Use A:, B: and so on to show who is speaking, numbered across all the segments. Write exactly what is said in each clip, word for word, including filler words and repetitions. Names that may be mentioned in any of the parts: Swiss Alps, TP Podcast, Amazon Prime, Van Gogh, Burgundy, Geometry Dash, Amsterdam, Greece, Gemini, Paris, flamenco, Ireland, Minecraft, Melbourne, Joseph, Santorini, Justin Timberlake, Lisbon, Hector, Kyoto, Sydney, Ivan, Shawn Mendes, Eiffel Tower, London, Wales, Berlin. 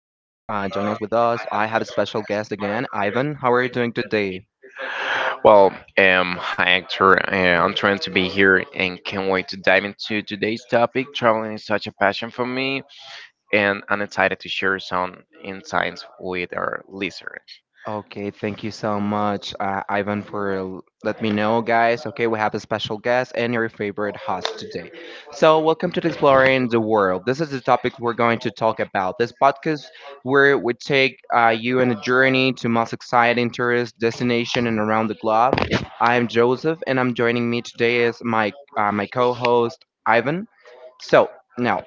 A: joining us with us. I have a special guest again, Ivan. How are you doing today?
B: Well, um, hi Hector. Uh, I'm trying to be here and can't wait to dive into today's topic. Traveling is such a passion for me, and I'm excited to share some insights with our listeners.
A: Okay, thank you so much, uh, Ivan, for l- let me know, guys. Okay, we have a special guest and your favorite host today. So, welcome to Exploring the World. This is the topic we're going to talk about. This podcast where we take uh, you on a journey to most exciting tourist destination and around the globe. I'm Joseph, and I'm joining me today is my uh, my co-host Ivan. So. Now,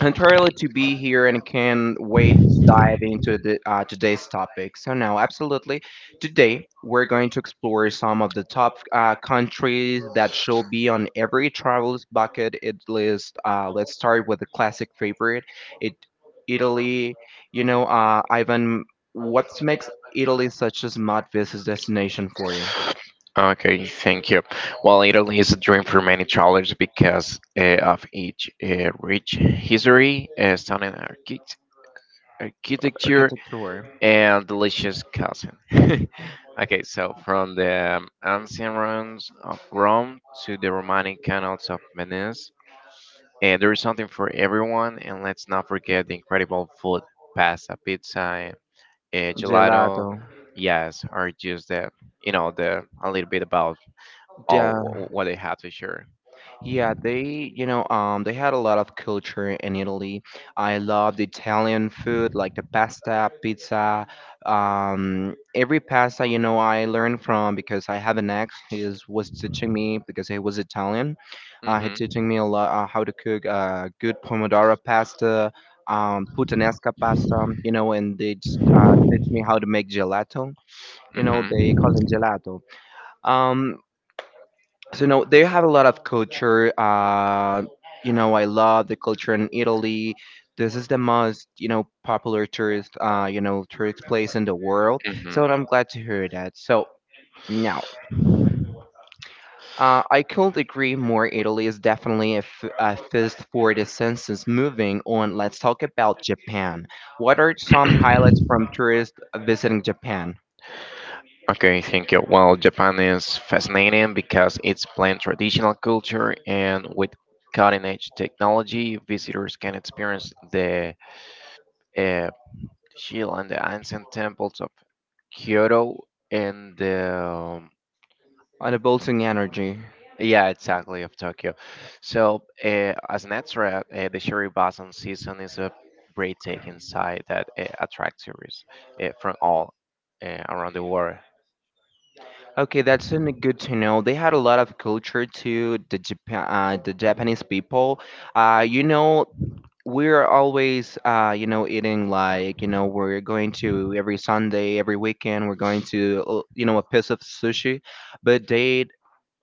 A: entirely to be here and can wait to dive into the, uh, today's topic. So now, absolutely, today we're going to explore some of the top uh, countries that should be on every traveler's bucket it list. Uh, let's start with the classic favorite, it Italy. You know, uh, Ivan, what makes Italy such a smart visit destination for you?
B: Okay, thank you. Well, Italy is a dream for many travelers because uh, of its uh, rich history, uh, stunning architect- architecture,
A: Architecture,
B: and delicious cousin. Okay, so from the ancient ruins of Rome to the Romanic canals of Venice, eh, there is something for everyone, and let's not forget the incredible food pasta, pizza, uh,
A: gelato.
B: gelato. Yes, are just the you know the a little bit about all
A: Yeah.
B: wh- what they have to share.
A: Yeah, they, you know, um, they had a lot of culture in Italy. I love the Italian food, like the pasta, pizza. Um, every pasta, you know, I learned from because I have an ex who was teaching me because he was Italian. Uh, he
B: Mhm.
A: teaching me a lot uh, how to cook uh, good pomodoro pasta, um, puttanesca pasta, you know, and they just, uh, teach me how to make gelato. You
B: Mhm.
A: know, they call it gelato. Um, so no they have a lot of culture uh you know I love the culture in Italy. This is the most, you know, popular tourist, uh you know, tourist place in the world. So
B: Mhm.
A: I'm glad to hear that. So now, uh, I could agree more. Italy is definitely a, f- a fist for the senses. Moving on, let's talk about Japan. What are some highlights from tourists visiting Japan?
B: Okay, thank you. Well, Japan is fascinating because it's blend traditional culture and with cutting-edge technology, visitors can experience the uh, shield and the ancient temples of Kyoto and um,
A: On the bolting energy.
B: yeah, exactly of Tokyo. So, uh, as an extra, uh, the Shiribasan season is a breathtaking sight that uh, attracts tourists uh, from all uh, around the world.
A: Okay, that's n- good to know. They had a lot of culture too, the Japan, uh, the Japanese people. Uh, you know, we're always, uh, you know, eating, like, you know, we're going to every Sunday, every weekend, we're going to, uh, you know, a piece of sushi. But they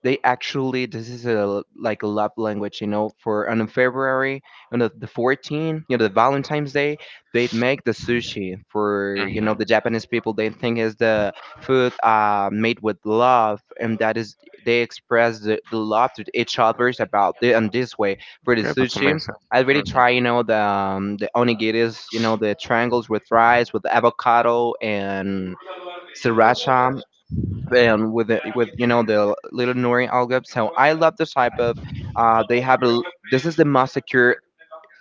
A: they actually this is a like a love language, you know, for on February, on the, the fourteenth you know, the Valentine's Day, they make the sushi for, you know,
B: Mhm.
A: the Japanese people. They think is the food, uh, made with love, and that is they express the, the love to each others about it, and this way for the
B: Okay, that's
A: sushi.
B: amazing.
A: I really
B: Mhm.
A: try, you know, the um, the onigiris, you know, the triangles with rice, with avocado and sriracha, and with the, with you know the little Nori algorithm. So I love this type of. Uh, they have a, l- this is the most secure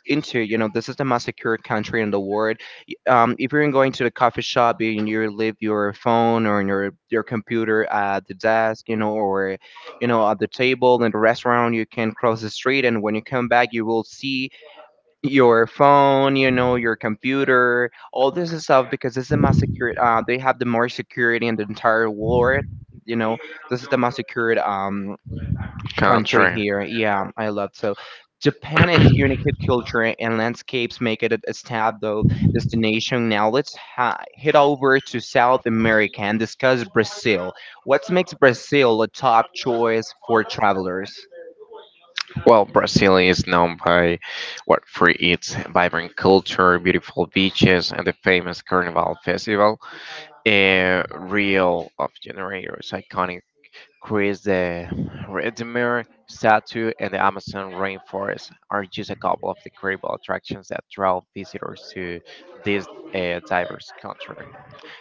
A: into, you know, this is the most secure country in the world. Y- Um, if you're going to the coffee shop and you leave your phone or your your computer at the desk, you know, or you know at the table in the restaurant, you can cross the street, and when you come back, you will see your phone, you know, your computer, all this stuff, because this is the most secure. Uh, they have the more security in the entire world. You know, this is the most secured um country
B: Country.
A: here. Yeah, I love so. Japan, its unique culture and landscapes make it a established destination. Now let's ha- head over to South America and discuss Brazil. What makes Brazil a top choice for travelers?
B: Well, Brazil is known by what for its vibrant culture, beautiful beaches, and the famous Carnival Festival. Uh, Rio of Janeiro's iconic Chris the Redeemer statue and the Amazon rainforest are just a couple of the incredible attractions that draw visitors to this uh, diverse country.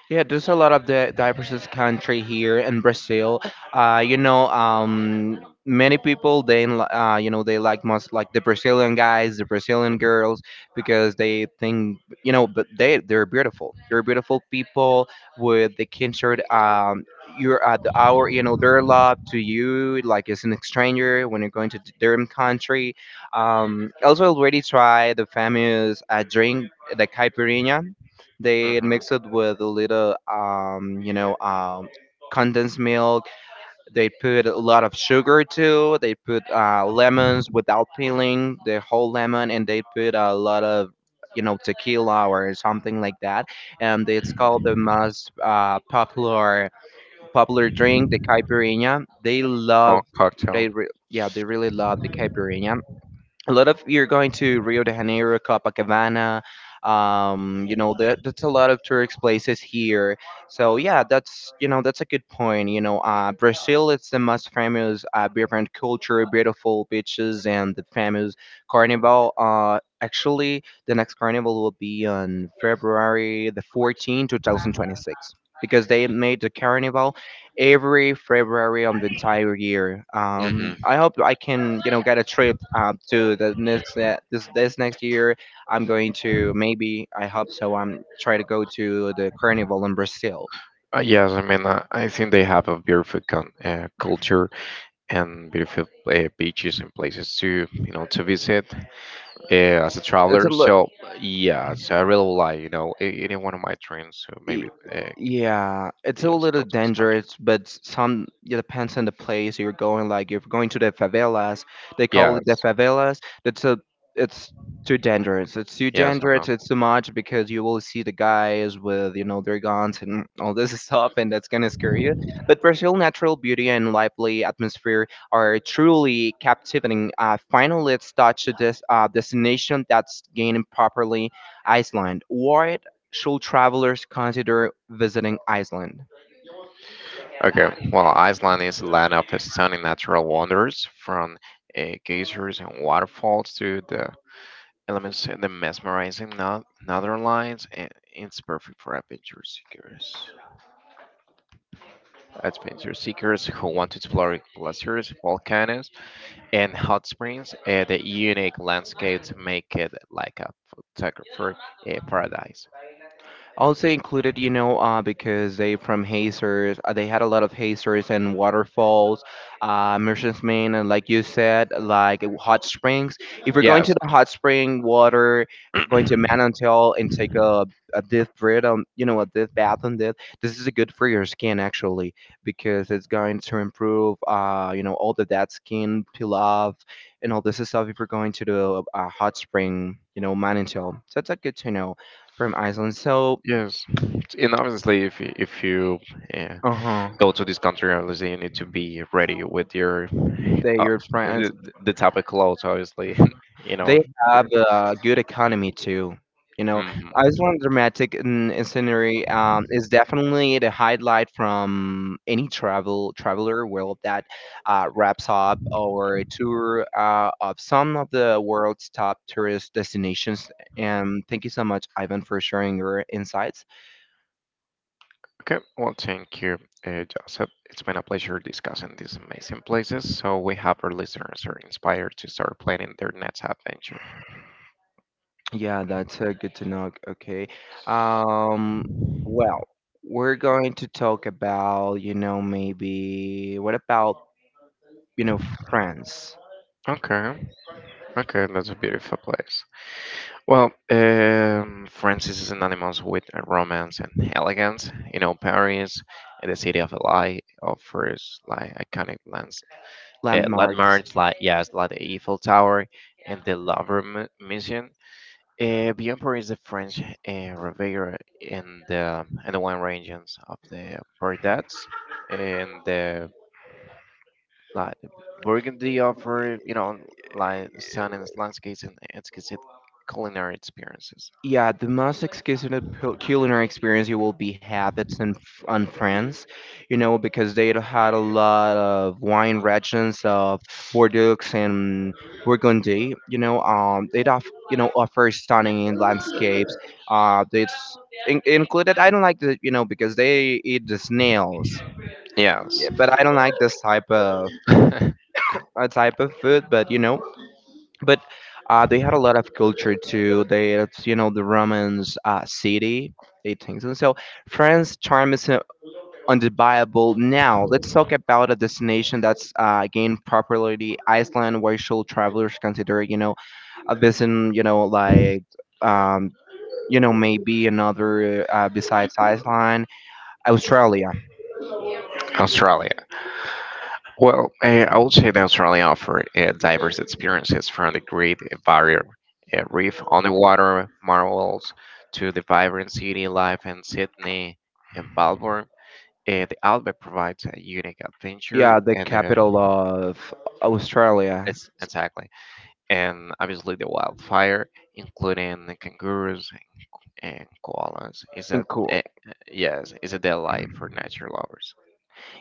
A: Yeah, there's a lot of the diverse country here in Brazil. Uh, you know, um, Many people they li- uh, you know they like most like the Brazilian guys, the Brazilian girls,
B: Mhm.
A: because they think, you know, but they they're beautiful. They're beautiful people with the kinship. Um, you're at the hour, you know, their love to you like it's an stranger when you're going to their country. Um, also already tried the famous uh, drink, the caipirinha. They
B: Hmm.
A: mix it with a little, um, you know, um, condensed milk. They put a lot of sugar too. They put uh, lemons without peeling the whole lemon, and they put a lot of, you know, tequila or something like that. And it's called the most uh, popular popular drink, the caipirinha. They
B: Oh,
A: love.
B: cocktail.
A: They re- yeah, they really love the caipirinha. A lot of you're going to Rio de Janeiro, Copacabana. Um, you know, that that's a lot of tourist places here. So yeah, that's you know that's a good point. You know, uh, Brazil it's the most famous uh, beer culture, beautiful beaches, and the famous carnival. Uh, actually, the next carnival will be on February the fourteenth, two thousand twenty-six. Because they made the carnival every February of the entire year.
B: Hmm.
A: Um, I hope I can, you know, get a trip uh, to the next ne- this this next year. I'm going to maybe I hope so. I'm trying to go to the carnival in Brazil.
B: Uh, yes, I mean, uh, I think they have a beautiful con uh, culture and beautiful uh, beaches and places to, you know, to visit uh, as a
A: It's a
B: traveler. So,
A: lo-
B: yeah, so I really like, you know, it, it is one of my dreams. So
A: Y-
B: maybe, uh,
A: Yeah, it's a
B: yes,
A: little
B: go.
A: dangerous, but some it depends on the place you're going. Like if you're going to the favelas, they call it
B: Yes,
A: the favelas. That's a It's too dangerous. It's too
B: yes, I
A: dangerous.
B: know.
A: It's too much, because you will see the guys with you know their guns and all this stuff, and that's gonna scare you. But Brazil natural beauty and lively atmosphere are truly captivating. Uh, finally, let's touch this uh, destination that's gaining properly Iceland. What should travelers consider visiting Iceland?
B: Okay, well, Iceland is a land of stunning natural wonders, from uh, geysers and waterfalls to the elements and the mesmerizing no- northern lights, and it's perfect for adventure seekers. Adventure seekers who want to explore glaciers, volcanoes, and hot springs. Uh, the unique landscapes make it like a photographer uh, paradise.
A: Also included, you know, uh, because they from hazers, uh, they had a lot of hazers and waterfalls, uh, Merchant's Main, and like you said, like hot springs. If you're going
B: Yeah.
A: to the hot spring water, going to Manantial and take a a deep breath on, you know, a deep bath on this, this is good for your skin actually, because it's going to improve, uh, you know, all the dead skin peel off and all this stuff. If you're going to the uh, hot spring, you know, Manantial, so that's a good to know from Iceland. So
B: Yes, and obviously, if you, if you uh,
A: uh
B: go
A: huh.
B: to this country, obviously you need to be ready with your
A: They
B: uh,
A: your friends.
B: the, the type of clothes, obviously, you
A: They
B: know.
A: have a good economy too. You know,
B: Mhm.
A: Iceland dramatic and and scenery um, is definitely the highlight from any travel traveler world that uh, wraps up our tour uh, of some of the world's top tourist destinations. And thank you so much, Ivan, for sharing your insights.
B: Okay, well, thank you, uh, Joseph. It's been a pleasure discussing these amazing places. So we hope our listeners are inspired to start planning their next adventure.
A: Yeah, that's uh, good to know. Okay. Um, well, we're going to talk about, you know, maybe what about, you know, friends,
B: Okay, okay, that's a beautiful place. Well, um, France is synonymous with romance and elegance. You know, Paris, uh, the city of light, offers like iconic lands, uh,
A: landmarks,
B: landmarks like yes, like the Eiffel Tower and the Louvre mu- Museum. Uh, beyond Paris, the French uh, Riviera and the and the wine regions of the Bordeaux and the like Burgundy offer you know like stunning landscapes and exquisite culinary experiences.
A: yeah, the most exquisite pu- culinary experience you will be have it's in F- on France, you know, because they had a lot of wine regions of Bordeaux and Burgundy. You know, um, they off you know offer stunning landscapes. Uh, it's in- included. I don't like the you know because they eat the snails.
B: Yes.
A: Yeah, but I don't like this type of a type of food. But you know, but uh, they had a lot of culture too. They, it's, you know, the Romans uh, city, they things. And so France charm is uh, undeniable. Now let's talk about a destination that's uh, gained popularity, Iceland, where should travelers consider, you know, a visit, you know, like, um, you know, maybe another uh, besides Iceland, Australia.
B: Australia. Well, uh, I would say that Australia offers uh, diverse experiences from the Great Barrier uh, Reef on the water marvels to the vibrant city life in Sydney and Melbourne. Uh, the Outback provides a unique adventure
A: Yeah, the
B: and uh,
A: capital of Australia.
B: it's exactly and obviously the wildfire, including the kangaroos, and koalas is
A: In
B: that
A: cool.
B: eh, yes is it their life for nature lovers.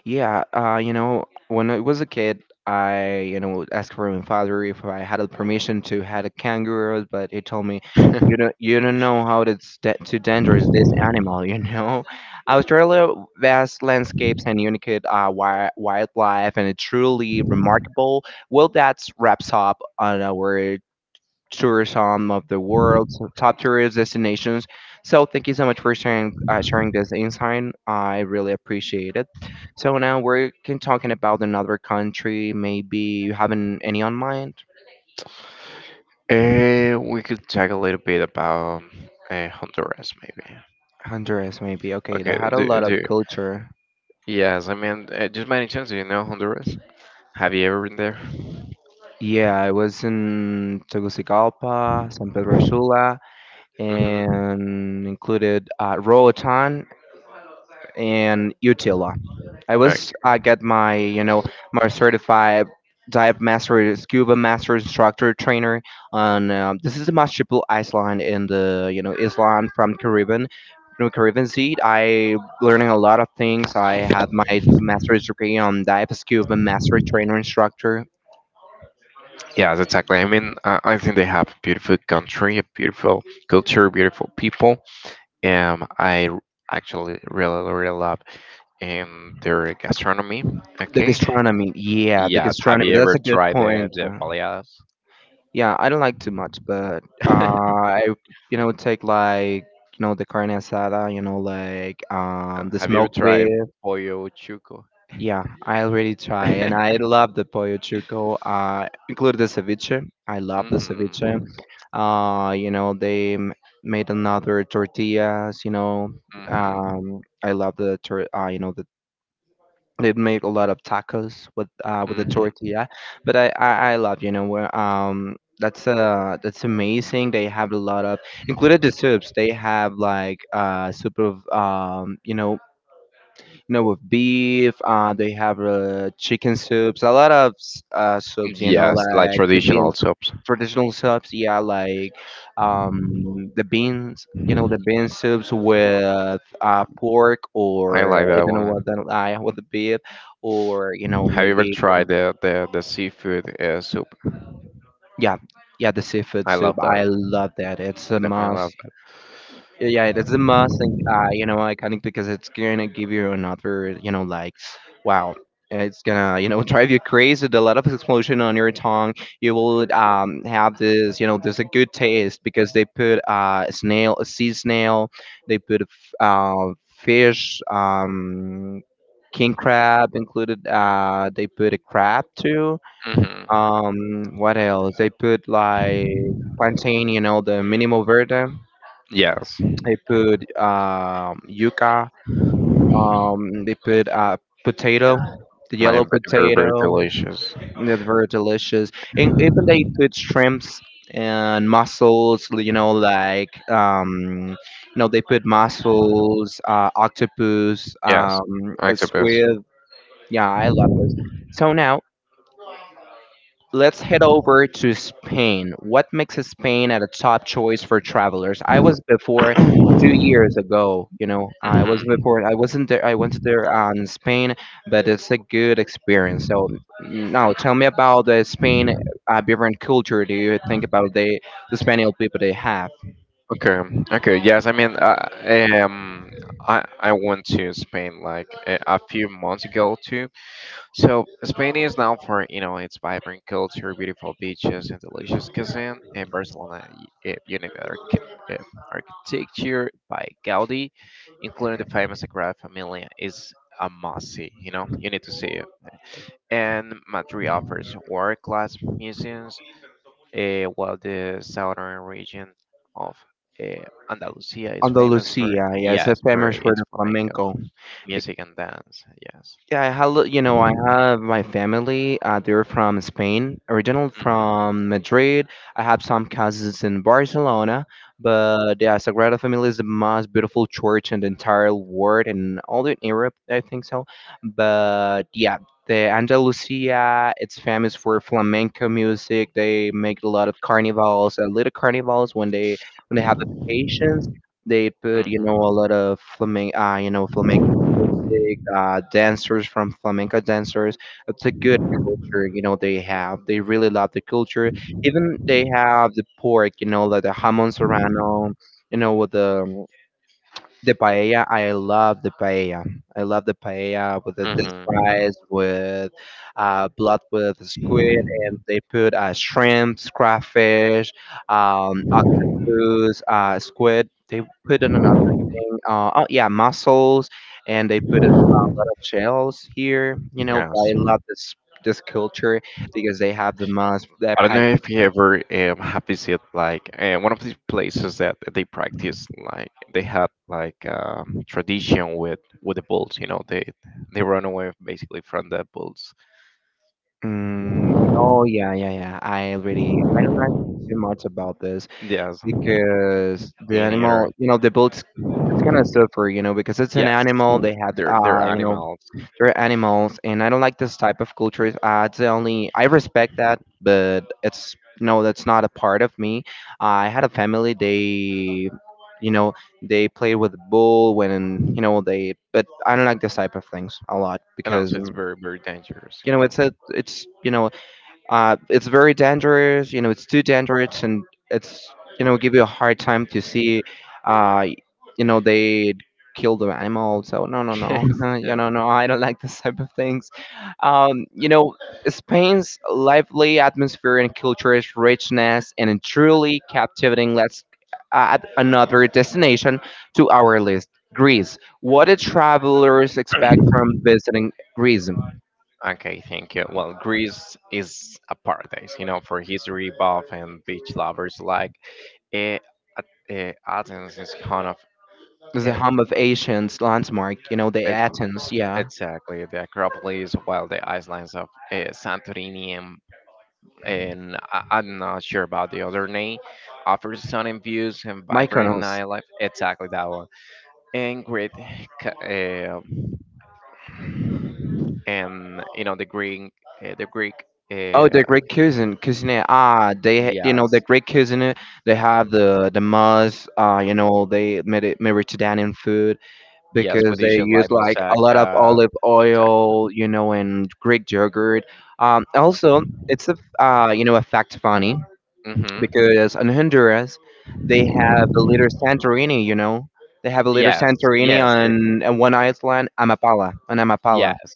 A: Yeah, uh, you know, when I was a kid, I, you know, asked for my father if I had a permission to had a kangaroo, but he told me, you don't, you don't know how it's da- too dangerous this animal, you know. Australia vast landscapes and unique uh, wi- wildlife, and it's truly remarkable. Well, that wraps up on our tourism of the world, so top tourist destinations. So thank you so much for sharing uh, sharing this insight. I really appreciate it. So now we're can- talking about another country. Maybe you haven't any on mind.
B: Eh, we could talk a little bit about uh, Honduras, maybe.
A: Honduras, maybe. Okay, they
B: Okay,
A: had a
B: do,
A: lot
B: do,
A: of culture.
B: yes, I mean, uh, just by any chance, do you know Honduras? Have you ever been there?
A: Yeah, I was in Tegucigalpa, San Pedro Sula,
B: Mm-hmm.
A: and included uh, Roatan in Utila. I
B: Okay.
A: was I get my you know my certified dive master scuba master instructor trainer on um, this is the Mashipul Island in the you know Island from Caribbean from Caribbean Sea. I learning a lot of things. I had my master's degree on dive scuba master trainer instructor.
B: Yes, exactly. I mean, uh, I think they have a beautiful country, a beautiful culture, beautiful people. Um, I r- Actually really, really love um, their gastronomy.
A: The
B: Okay.
A: gastronomy, yeah, the
B: Yes. Have
A: gastronomy.
B: you
A: That's
B: ever
A: a good
B: tried the,
A: point.
B: the baleadas?
A: Yeah, I don't like too much, but uh, I you know take like you know the carne asada, you know like um the
B: Have you ever
A: smoked beef.
B: tried pollo chuco?
A: Yeah, I already try, and
B: Hmm.
A: I love the pollo chuco. Uh, include the ceviche. I love the ceviche. Uh, you know they m- made another tortillas. You know,
B: Hmm.
A: um, I love the tor- uh, you know the They'd make a lot of tacos with uh, with a
B: Hmm.
A: tortilla, but I, I, I love you know where um that's uh that's amazing. They have a lot of included the soups. They have like uh soup of um you know you know, with beef. Uh, they have uh, chicken soups, a lot of s- uh, soups, you know,
B: Yes, like
A: like the
B: traditional
A: beans,
B: soups.
A: traditional soups, yeah, like um, the beans, you know, the bean soups with uh,
B: Um,
A: pork
B: I
A: or
B: like that
A: even with
B: one.
A: the, uh, with the beef, or you know,
B: Have you ever
A: maybe
B: tried the, the, the seafood uh, soup?
A: yeah, yeah, the seafood
B: I
A: soup.
B: love that.
A: I love that. It's a
B: Definitely love
A: must.
B: that.
A: Yeah, yeah, that's the most, like, uh, you know, iconic because it's gonna give you another, you know, like, wow, it's gonna, you know, drive you crazy with a lot of explosion on your tongue. You will um have this, you know, there's a good taste because they put uh a snail, a sea snail, they put a f- uh fish, um king crab included. Uh, they put a crab too.
B: Hmm.
A: Um, what else? They put like plantain, you know, the minimal verde.
B: Yes.
A: They put um, yuca. Um, they put uh, potato, the yellow
B: Lamb very very
A: potato.
B: delicious.
A: And that's very delicious. And even they put shrimps and mussels. You know, like um, you know, they put mussels, uh, octopus,
B: Yes,
A: um, a
B: octopus.
A: squid. Yeah, I love this. So now let's head over to Spain. What makes Spain at a top choice for travelers? I was before two years ago. You know, I was
B: Hmm.
A: before. I wasn't there. I went there on Spain, but it's a good experience. So now, tell me about the Spain uh, different culture. Do you think about the the Spanish people they have?
B: Okay, okay. Yes, I mean, I, um, I I went to Spain like a, a few months ago too. So Spain is known for you know its vibrant culture, beautiful beaches, and delicious cuisine. And Barcelona y- uh, unique arch- uh, architecture by Gaudi, including the famous Sagrada Familia, is a must see. You know, you need to see it. And Madrid offers world-class museums, eh, while the southern region of eh, Andalusia is famous for
A: Andalusia, yes,
B: yes,
A: it's
B: for
A: famous for
B: its
A: the
B: flamenco
A: flamenco.
B: music and dance. Yes.
A: Yeah, I have, you know, I have my family. Uh, they're from Spain, original
B: Hmm.
A: from Madrid. I have some cousins in Barcelona, but yeah, Sagrada Familia is the most beautiful church in the entire world and all in Europe, I think so. But yeah, the Andalusia, it's famous for flamenco music. They make a lot of carnivals, uh, little carnivals when they when they have the vacations. They put, you know, a lot of flamen uh, you know, flamenco music, uh, dancers from flamenco dancers. It's a good culture, you know, they have. They really love the culture. Even they have the pork, you know, like the jamon serrano, you know, with the the paella. I love the paella. I love the paella with the this
B: Hmm.
A: rice with uh, blood with squid, and they put uh, shrimps, crawfish, um, octopus, uh, squid. They put in another thing. Uh, oh yeah, mussels, and they put a lot of shells here. You know, I
B: Yes.
A: love this this culture because they have the most
B: I
A: that
B: don't
A: paella.
B: know if you ever um, have visited like uh, one of these places that they practice like they have like um, tradition with with the bulls. You know, they they run away basically from the bulls.
A: Mm, oh yeah, yeah, yeah. I really I don't know too much about this,
B: Yes,
A: because the
B: me neither.
A: animal, you know, the boat's it's gonna suffer, you know, because it's an
B: Yes,
A: animal. They have,
B: they're they're
A: uh, you know,
B: animals,
A: they're animals, and I don't like this type of cultures. Uh, it's the only I respect that, but it's no, that's not a part of me. I had a family. They, you know, they play with bull when you know they, but I don't like this type of things a lot
B: and
A: because
B: also it's
A: um,
B: very very dangerous.
A: you
B: You
A: know
B: know.
A: it's a, it's you know uh, it's very dangerous. You know, it's too dangerous, and it's you know give you a hard time to see. Uh, you know they kill the animal. So no, no,
B: Yes,
A: no. You
B: yeah.
A: know, no, I don't like this type of things. Um, you know, Spain's lively atmosphere and culture's richness and a truly captivating. Let's add another destination to our list. Greece. What do travelers expect from visiting Greece?
B: Okay, thank you. Well, Greece is a paradise, you know, for history buff and beach lovers alike. Eh, A- eh, Athens is kind of
A: The
B: eh,
A: home of Athens landmark, you know, the
B: it,
A: Athens, yeah.
B: exactly the Acropolis, while the islands of eh, Santorini and eh, and I- I'm not sure about the other name offers stunning views and vibrant
A: Mykonos.
B: nightlife. Exactly that one. And Greek, uh, and you know the Greek, uh, the Greek,
A: Oh,
B: uh,
A: the Greek cuisine, cuisine. Ah, they, you know, the
B: yes,
A: Greek cuisine. They have the the must. Uh, you know, they Medi- Mediterranean food
B: yes, with
A: because they
B: dishes
A: use
B: like
A: like a lot of
B: moussaka.
A: olive oil, you know, and Greek yogurt. Um, also, it's a f- uh, you know, a fact funny,
B: Hmm.
A: because in Honduras they have a little Santorini, you know. They have a little
B: Yes,
A: Santorini
B: yes, it,
A: on, on one island, Amapala, on Amapala.
B: yes.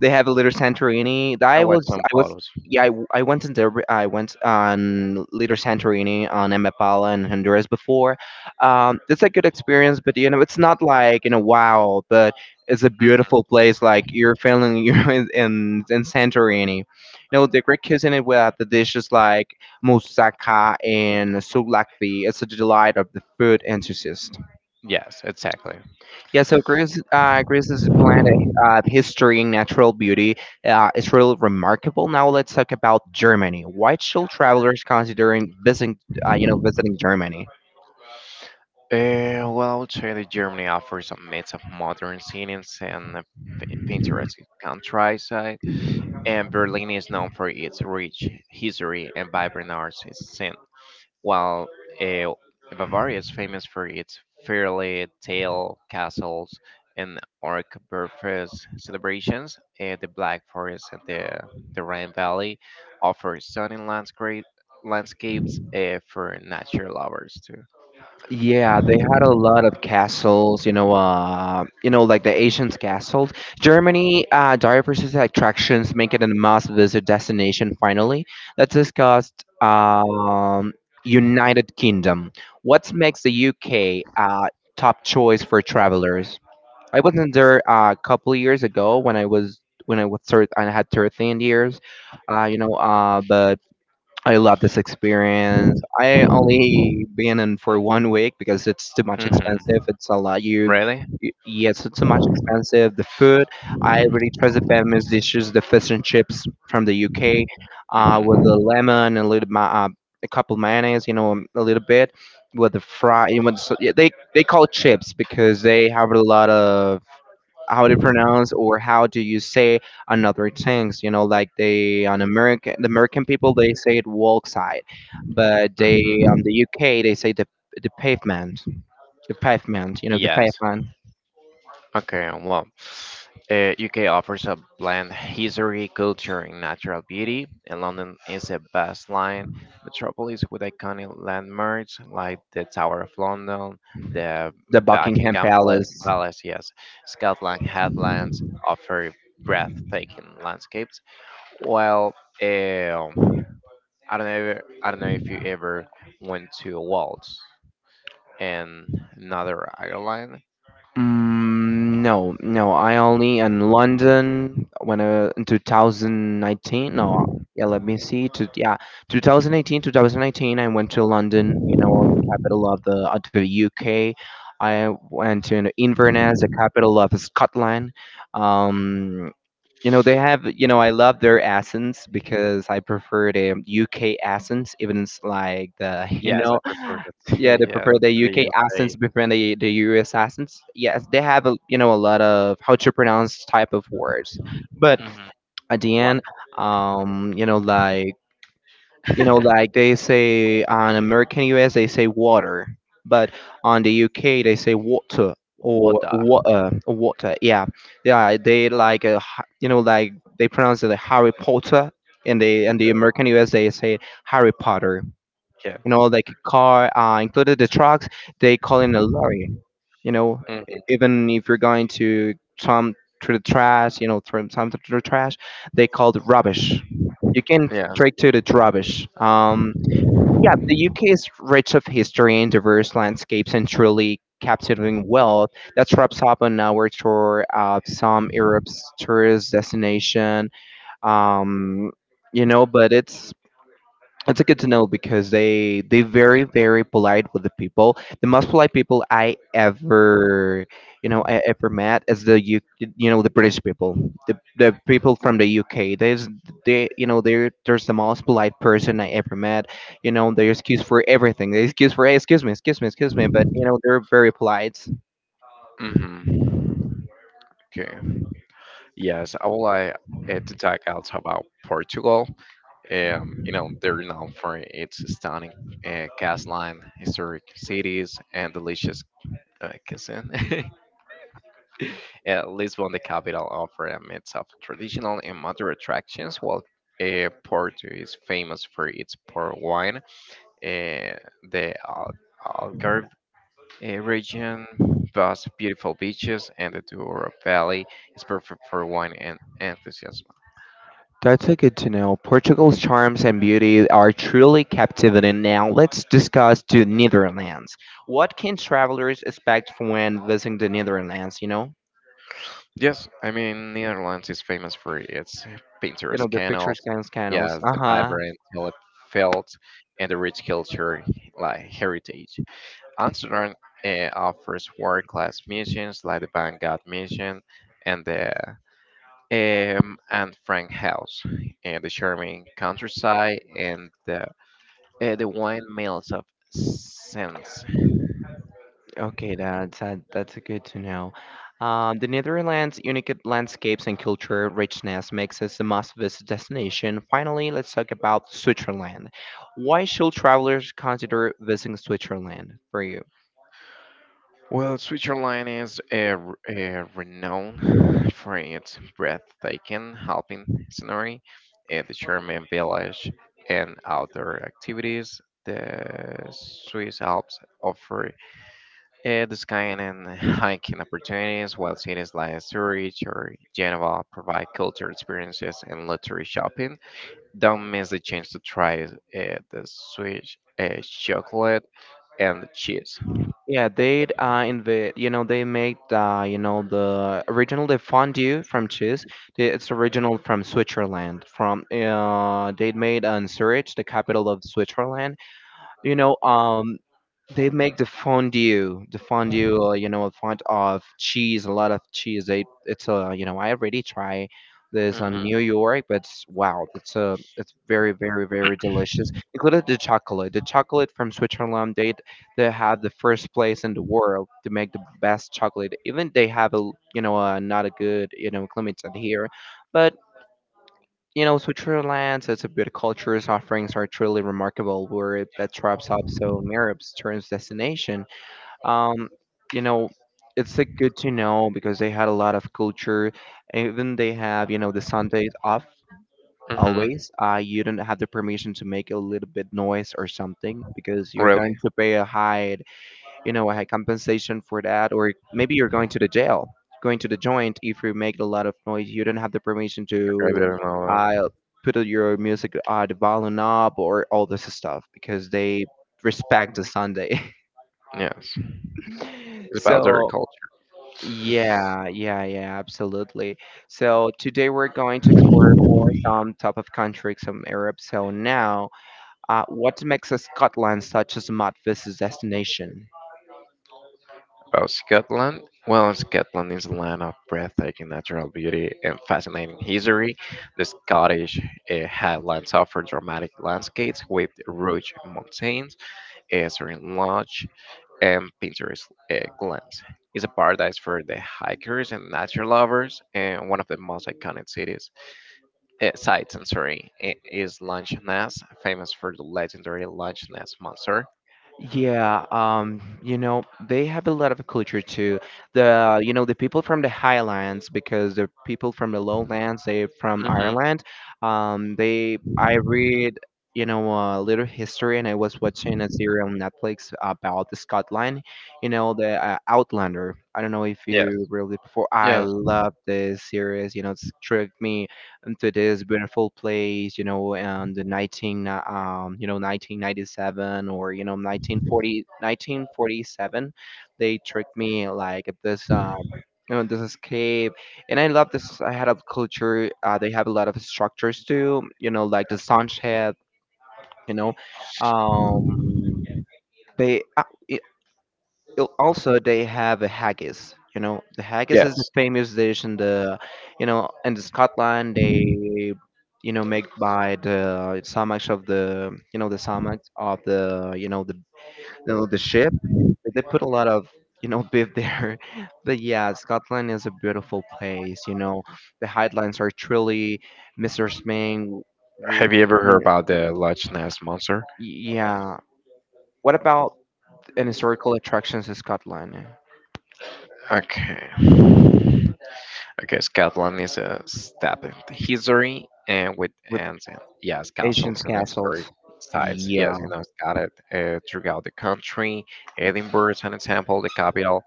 A: They have a little Santorini.
B: I
A: I
B: watched
A: was,
B: some
A: I was,
B: photos.
A: yeah, I, I went in there. I went on Little Santorini on Amapala and Honduras before. Um, it's a good experience, but you know, it's not like you know, wow, but it's a beautiful place. Like you're feeling you're in in, in Santorini. You know, the Greek cuisine with the dishes like moussaka and souvlaki. It's a delight of the food enthusiast.
B: Yes, exactly.
A: Yeah, so Greece, uh, Greece's blend of history and natural beauty uh, is really remarkable. Now let's talk about Germany. Why should travelers considering visiting, uh, you know, visiting Germany?
B: Uh, well, I would say that Germany offers a mix of modern scenes and a p- picturesque countryside, and Berlin is known for its rich history and vibrant arts scene. While uh, Bavaria is famous for its fairy tale castles and Oktoberfest celebrations, uh, the Black Forest and the, the Rhine Valley offer stunning landscape, landscapes uh, for nature lovers too.
A: Yeah, they had a lot of castles, you know, uh, you know, like the ancient castles. Germany uh, diverse attractions make it a must-visit destination. Finally, let's discuss um, United Kingdom. What makes the U K uh, top choice for travelers? I wasn't there uh, a couple of years ago when I was when I was thir- I had thirteen years, uh, you know. Uh, but I love this experience. I only been in for one week because it's too much expensive.
B: Hmm.
A: It's a lot. You,
B: Really?
A: y- yes, it's too much expensive. The food, I really trust the famous dishes, the fish and chips from the U K, uh, with the
B: Hmm.
A: lemon and a little ma- uh, a couple mayonnaise, you know, um, a little bit with the fry. You know, so, yeah, they they call it chips because they have a lot of how to pronounce or how do you say another things, you know, like they on American the American people they say it walk side, but they
B: Hmm.
A: on the UK they say the the pavement, the pavement, you know, the
B: Yes.
A: pavement,
B: Okay, well, uh, U K offers a blend history, culture, and natural beauty, and London is a baseline metropolis with iconic landmarks like the Tower of London, the
A: the Buckingham
B: Buckingham Pla-
A: Palace.
B: Palace. Yes, Scotland Headlands offer breathtaking landscapes. Well, uh, I don't know, I don't know if you ever went to Wales in another Ireland.
A: Mm, no, no. I only in London when uh, in two thousand nineteen. No, yeah. Let me see. To, yeah, two thousand eighteen, two thousand nineteen. I went to London. You know, the capital of the of the U K. I went to Inverness, the capital of Scotland. Um, you know, they have. You know, I love their accents because I prefer the U K accents, even it's like the you
B: Yes, I
A: know
B: prefer that.
A: yeah, they
B: Yeah,
A: prefer the
B: they
A: U K
B: just say.
A: accents before the the U S accents. Yes, they have a, you know, a lot of how to pronounce type of words, but
B: Mhm.
A: at the
B: What?
A: end, um, you know like you know like they say on American U S they say water, but on the U K they say water or
B: Water.
A: water water. Yeah, yeah, they like a h- you know like they pronounce it like Harry Potter. In the in the American U S they say Harry Potter, you know,
B: Yes.
A: like a car, uh, included the trucks, they call it a lorry. You know,
B: Hmm.
A: even if you're going to some through the trash, you know, through some through the trash, they call it rubbish. You can
B: Yes.
A: straight to the rubbish. Um, yeah, the U K is rich of history and diverse landscapes and truly captivating wealth. That wraps up on our tour of some Europe's tourist destination. Um, you know, but it's it's a good to know because they they very very polite with the people. The most polite people I ever you know I ever met is the U, you know the British people, the the people from the U K. There's they you know they're there's the most polite person I ever met. You know they excuse for everything. They excuse for hey, excuse me, excuse me, excuse me. But you know they're very polite.
B: hmm Okay. Yes, I would like uh, to talk also about Portugal. Um, you know, they're known for its stunning uh, coastline, historic cities, and delicious uh, cuisine. Uh, Lisbon, the capital, offers a mix of traditional and modern attractions, while uh, Porto is famous for its port wine, uh, the Al- Algarve uh, region boasts beautiful beaches, and the Douro Valley is perfect for wine and enthusiasm.
A: That's a good to know. Portugal's charms and beauty are truly captivating. Now let's discuss the Netherlands. What can travelers expect from when visiting the Netherlands? You know,
B: Yes, I mean Netherlands is famous for its
A: you know
B: picturesque
A: the pictures
B: canals,
A: can scandals.
B: yeah,
A: Uh
B: the
A: huh.
B: vibrant hilly fields, and the rich culture like heritage. Amsterdam uh, offers world-class missions like the Van Gogh mission and the um, and Frank House, and the charming countryside, and the, uh, the wine mills of sense.
A: Okay, that's that, that's good to know. Um, the Netherlands' unique landscapes and culture richness makes us the must visit destination. Finally, let's talk about Switzerland. Why should travelers consider visiting Switzerland for you?
B: Well, Switzerland is uh, r- uh, renowned for its breathtaking alpine scenery, uh, the charming village, and outdoor activities. The Swiss Alps offer uh, the skiing and hiking opportunities, while cities like Zurich or Geneva provide cultural experiences and luxury shopping. Don't miss the chance to try uh, the Swiss uh, chocolate and the cheese.
A: Yeah, they uh, in the you know they made uh, you know the original the fondue from cheese. the- It's original from Switzerland. From uh, they made uh, in Zurich, the capital of Switzerland. You know, um, they make the fondue the fondue uh, you know a font of cheese, a lot of cheese, they it's a you know I already try this on
B: Hmm.
A: New York, but it's, wow, it's a it's very very very delicious included the chocolate, the chocolate from Switzerland, they they have the first place in the world to make the best chocolate, even they have a you know uh, not a good you know climate here, but you know Switzerland it's a good culture offerings are truly remarkable where that traps up so arabs turns destination. um, you know, it's uh, good to know because they had a lot of culture. Even they have, you know, the Sundays off
B: Hmm.
A: always. Uh, you don't have the permission to make a little bit noise or something because you're
B: Really?
A: going to pay a high, you know, a high compensation for that, or maybe you're going to the jail, going to the joint if you make a lot of noise. You don't have the permission
B: Okay, I
A: to
B: didn't know that.
A: uh, put your music, uh, the volume up, or all this stuff because they respect the Sunday.
B: Yes. It's about their
A: So.
B: culture.
A: Yeah, yeah, yeah, absolutely. So today we're going to explore more some top of countries some Europe. So now, uh, what makes a Scotland such a smart visit destination?
B: About Scotland? Well, Scotland is a land of breathtaking natural beauty and fascinating history. The Scottish uh, Highlands offer dramatic landscapes with rugged mountains, eh, serene and Pinterest uh, glance. It's a paradise for the hikers and nature lovers, and one of the most iconic cities uh, sites. And sorry, i- is Loch Ness, famous for the legendary Loch Ness monster.
A: Yeah, um, you know, they have a lot of culture too. The, you know, the people from the highlands because the people from the lowlands, they from
B: Hmm.
A: Ireland. um, they I read, you know, a little history, and I was watching a series on Netflix about the Scotland, you know, the uh, Outlander. I don't know if
B: Yes,
A: you really before. I
B: yes,
A: love this series, you know, it's tricked me into this beautiful place, you know, and the nineteen, uh, um, you know, nineteen ninety-seven, or, you know, nineteen forty, nineteen forty seven. They tricked me like at this, um, you know, this escape. And I love this. I had a culture. Uh, they have a lot of structures too, you know, like the sunset. you know, um, they, uh, al- Also they have a haggis. You know the haggis is a
B: yes.
A: famous dish in the, you know in the Scotland. They you know make by the stomachs of the, you know the stomachs of the you know the you know, the ship. They put a lot of, you know beef there. But yeah, Scotland is a beautiful place. You know the highlands are truly mr sming.
B: Have you ever
A: you
B: heard
A: know
B: about the Loch Ness monster?
A: y- yeah. What about an historical attractions in Scotland?
B: Okay. Okay, Scotland is a step in history, and with
A: With
B: and, and yes,
A: Ancient
B: castles and historic
A: castles.
B: sites. Yes,
A: Yeah.
B: you know, it's scattered uh, throughout the country. Edinburgh is an example. The capital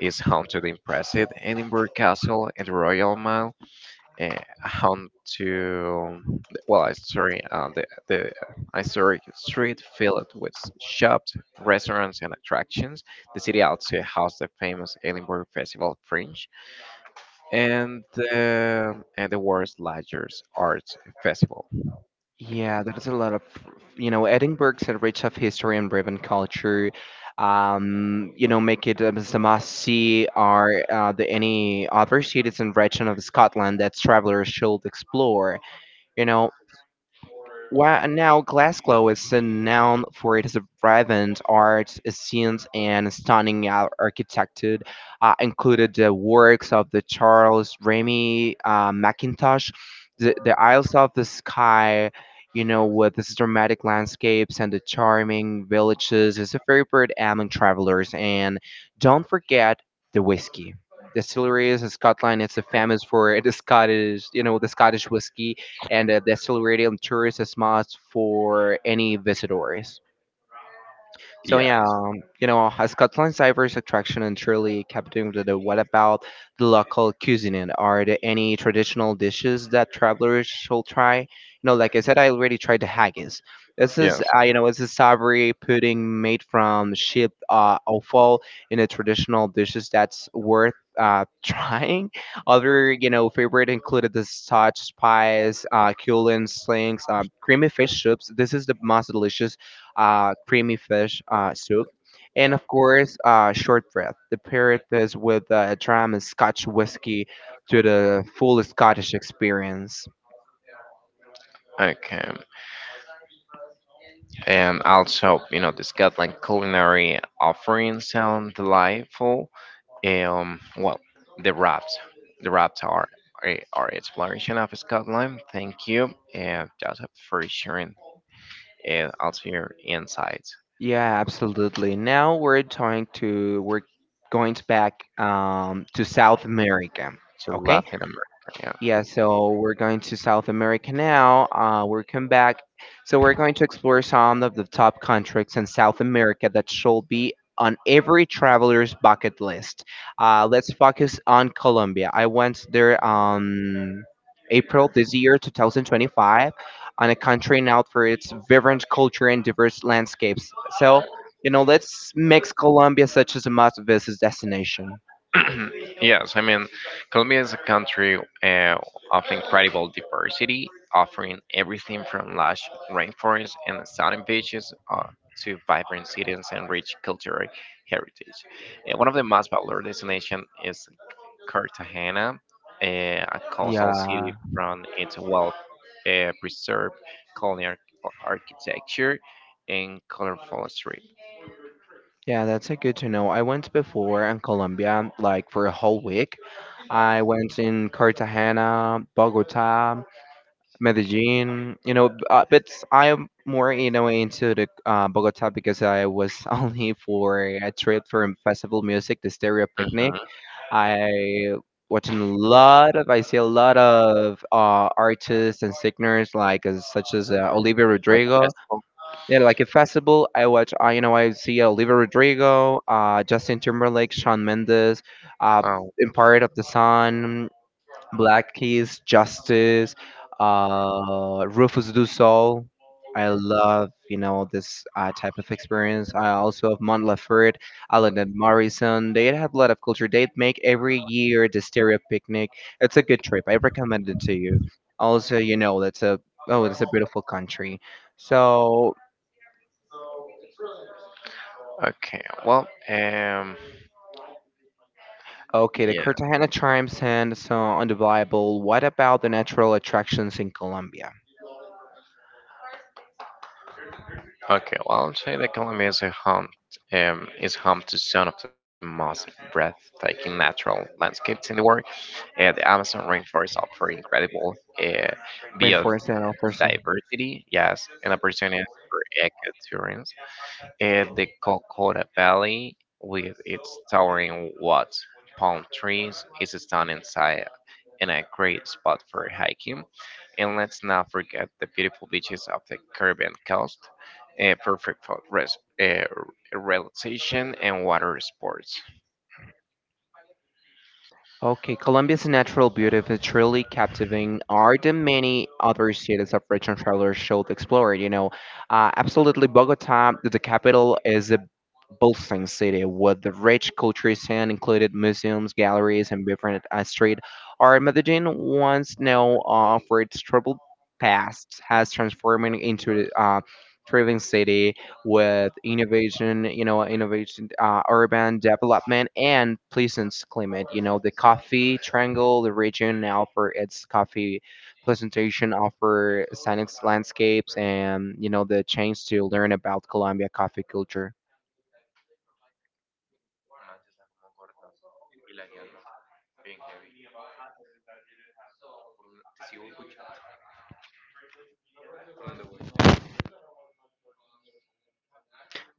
B: is home to the impressive Edinburgh Castle and the Royal Mile. Uh, home to, well, uh, sorry, uh, the the historic street filled with shops, restaurants, and attractions. The city also hosts the famous Edinburgh Festival Fringe and the, and the world's largest arts festival.
A: Yeah, there's a lot of, you know, Edinburgh's a rich of history and driven culture. Um, you know, make it as a must-see. Are uh, the any other cities and region of Scotland that travelers should explore? You know, While now Glasgow is renowned for its vibrant art scenes and stunning ar- architecture, uh, included the works of the Charles Remy uh, Mackintosh, the, the Isles of the Sky, you know, with its dramatic landscapes and the charming villages, is a favorite among travelers. And don't forget the whiskey. Distilleries in Scotland is famous for the Scottish, you know, the Scottish whiskey, and uh, the Accelerated Tourist is must for any visitors. So
B: Yes,
A: yeah, um, you know, uh, Scotland's diverse attraction and truly captivated. The. What about the local cuisine? Are there any traditional dishes that travelers should try? You know, like I said, I already tried the haggis. This is,
B: yes.
A: uh, you know, it's a savory pudding made from sheep uh, offal in a traditional dishes that's worth uh, trying. Other, you know, favorite included the Scotch pies, uh, Cullen slings, um, creamy fish soups. This is the most delicious uh, creamy fish uh, soup, and of course, uh, short breath. The pair this with uh, a dram of Scotch whiskey to the full Scottish experience.
B: Okay, and also you know the Scotland culinary offerings sound delightful. Um, well, the wraps, the wraps are are are exploration of Scotland. Thank you, uh, Joseph, for sharing and also your insights
A: Yeah, absolutely. Now we're going to we're going to back um, to South America.
B: to
A: Okay.
B: Latin America.
A: Yeah, so we're going to South America now. Uh, we're come back. So we're going to explore some of the top countries in South America that should be on every traveler's bucket list. Uh, let's focus on Colombia. I went there on April this year, twenty twenty-five, on a country known for its vibrant culture and diverse landscapes. So, you know, let's make Colombia such as a must-visit destination.
B: Yes, I mean, Colombia is a country uh, of incredible diversity, offering everything from lush rainforests and stunning beaches uh, to vibrant cities and rich cultural heritage. Uh, one of the most popular destinations is Cartagena, uh, a coastal
A: Yeah.
B: city from its well uh, preserved colonial ar- architecture and colorful street.
A: Yeah, that's a good to know. I went before in Colombia, like for a whole week. I went in Cartagena, Bogota, Medellin. You know, b- uh, but I'm more, you know into the uh, Bogota, because I was only for a trip for festival music, the Stereo Picnic.
B: Mhm.
A: I watching a lot of I see a lot of uh, artists and singers like as, such as uh, Olivia
B: Like a
A: Rodrigo.
B: festival.
A: Yeah, like a festival, I watch, uh, you know, I see Olivia Rodrigo, uh, Justin Timberlake, Shawn Mendes, uh,
B: Oh,
A: Empire of the Sun, Black Keys, Justice, uh, Rufus Du Sol. I love, you know, this uh, type of experience. I also have Mont Laferte, Alan and Morrison. They have a lot of culture. They make every year the stereo picnic. It's a good trip. I recommend it to you. Also, you know, that's a, oh, it's a beautiful country. So.
B: okay. Well, um.
A: Okay, the
B: Yeah.
A: Cartagena charms and so undeniable. What about the natural attractions in Colombia?
B: Okay. Well, I'd say that Colombia is a home, um, is home to some of the most breathtaking natural landscapes in the world. Uh, the Amazon rainforest offers incredible uh,
A: Rainforest and all.
B: biodiversity, yes, and opportunities for ecotourism. And the Calcutta Valley, with its towering woods, palm trees, is a stunning sight and a great spot for hiking. And let's not forget the beautiful beaches of the Caribbean coast, eh, perfect for res- eh, relaxation and water sports.
A: Okay, Colombia's natural beauty is truly captivating art, and many other cities of region travelers should explore. You know, uh, absolutely, Bogota, the capital, is a bustling city with the rich cultural scene, included museums, galleries, and different uh, street art. Medellin, once known uh, for its troubled past, has transformed into a uh, thriving city with innovation, you know, innovation, uh, urban development, and Pleasant's climate. You know, the coffee triangle, the region now for its coffee presentation, offer scenic landscapes, and you know, the chance to learn about Colombia coffee culture.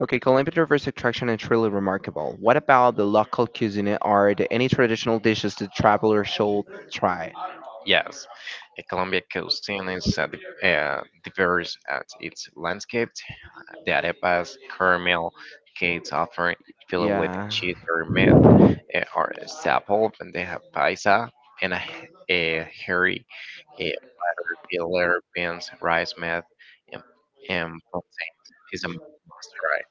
A: Okay, Colombia diverse attraction is truly remarkable. What about the local cuisine? Are there any traditional dishes that travelers should try?
B: Yes, a Colombia cuisine is uh, di- uh, diverse at its landscape. The arepas, caramel cakes often filled with
A: Yeah.
B: cheese or meat, uh, are a staple. And they have paisa and a, h- a hairy uh, platter filled with beans, rice, meat, and, and plantain. It's a must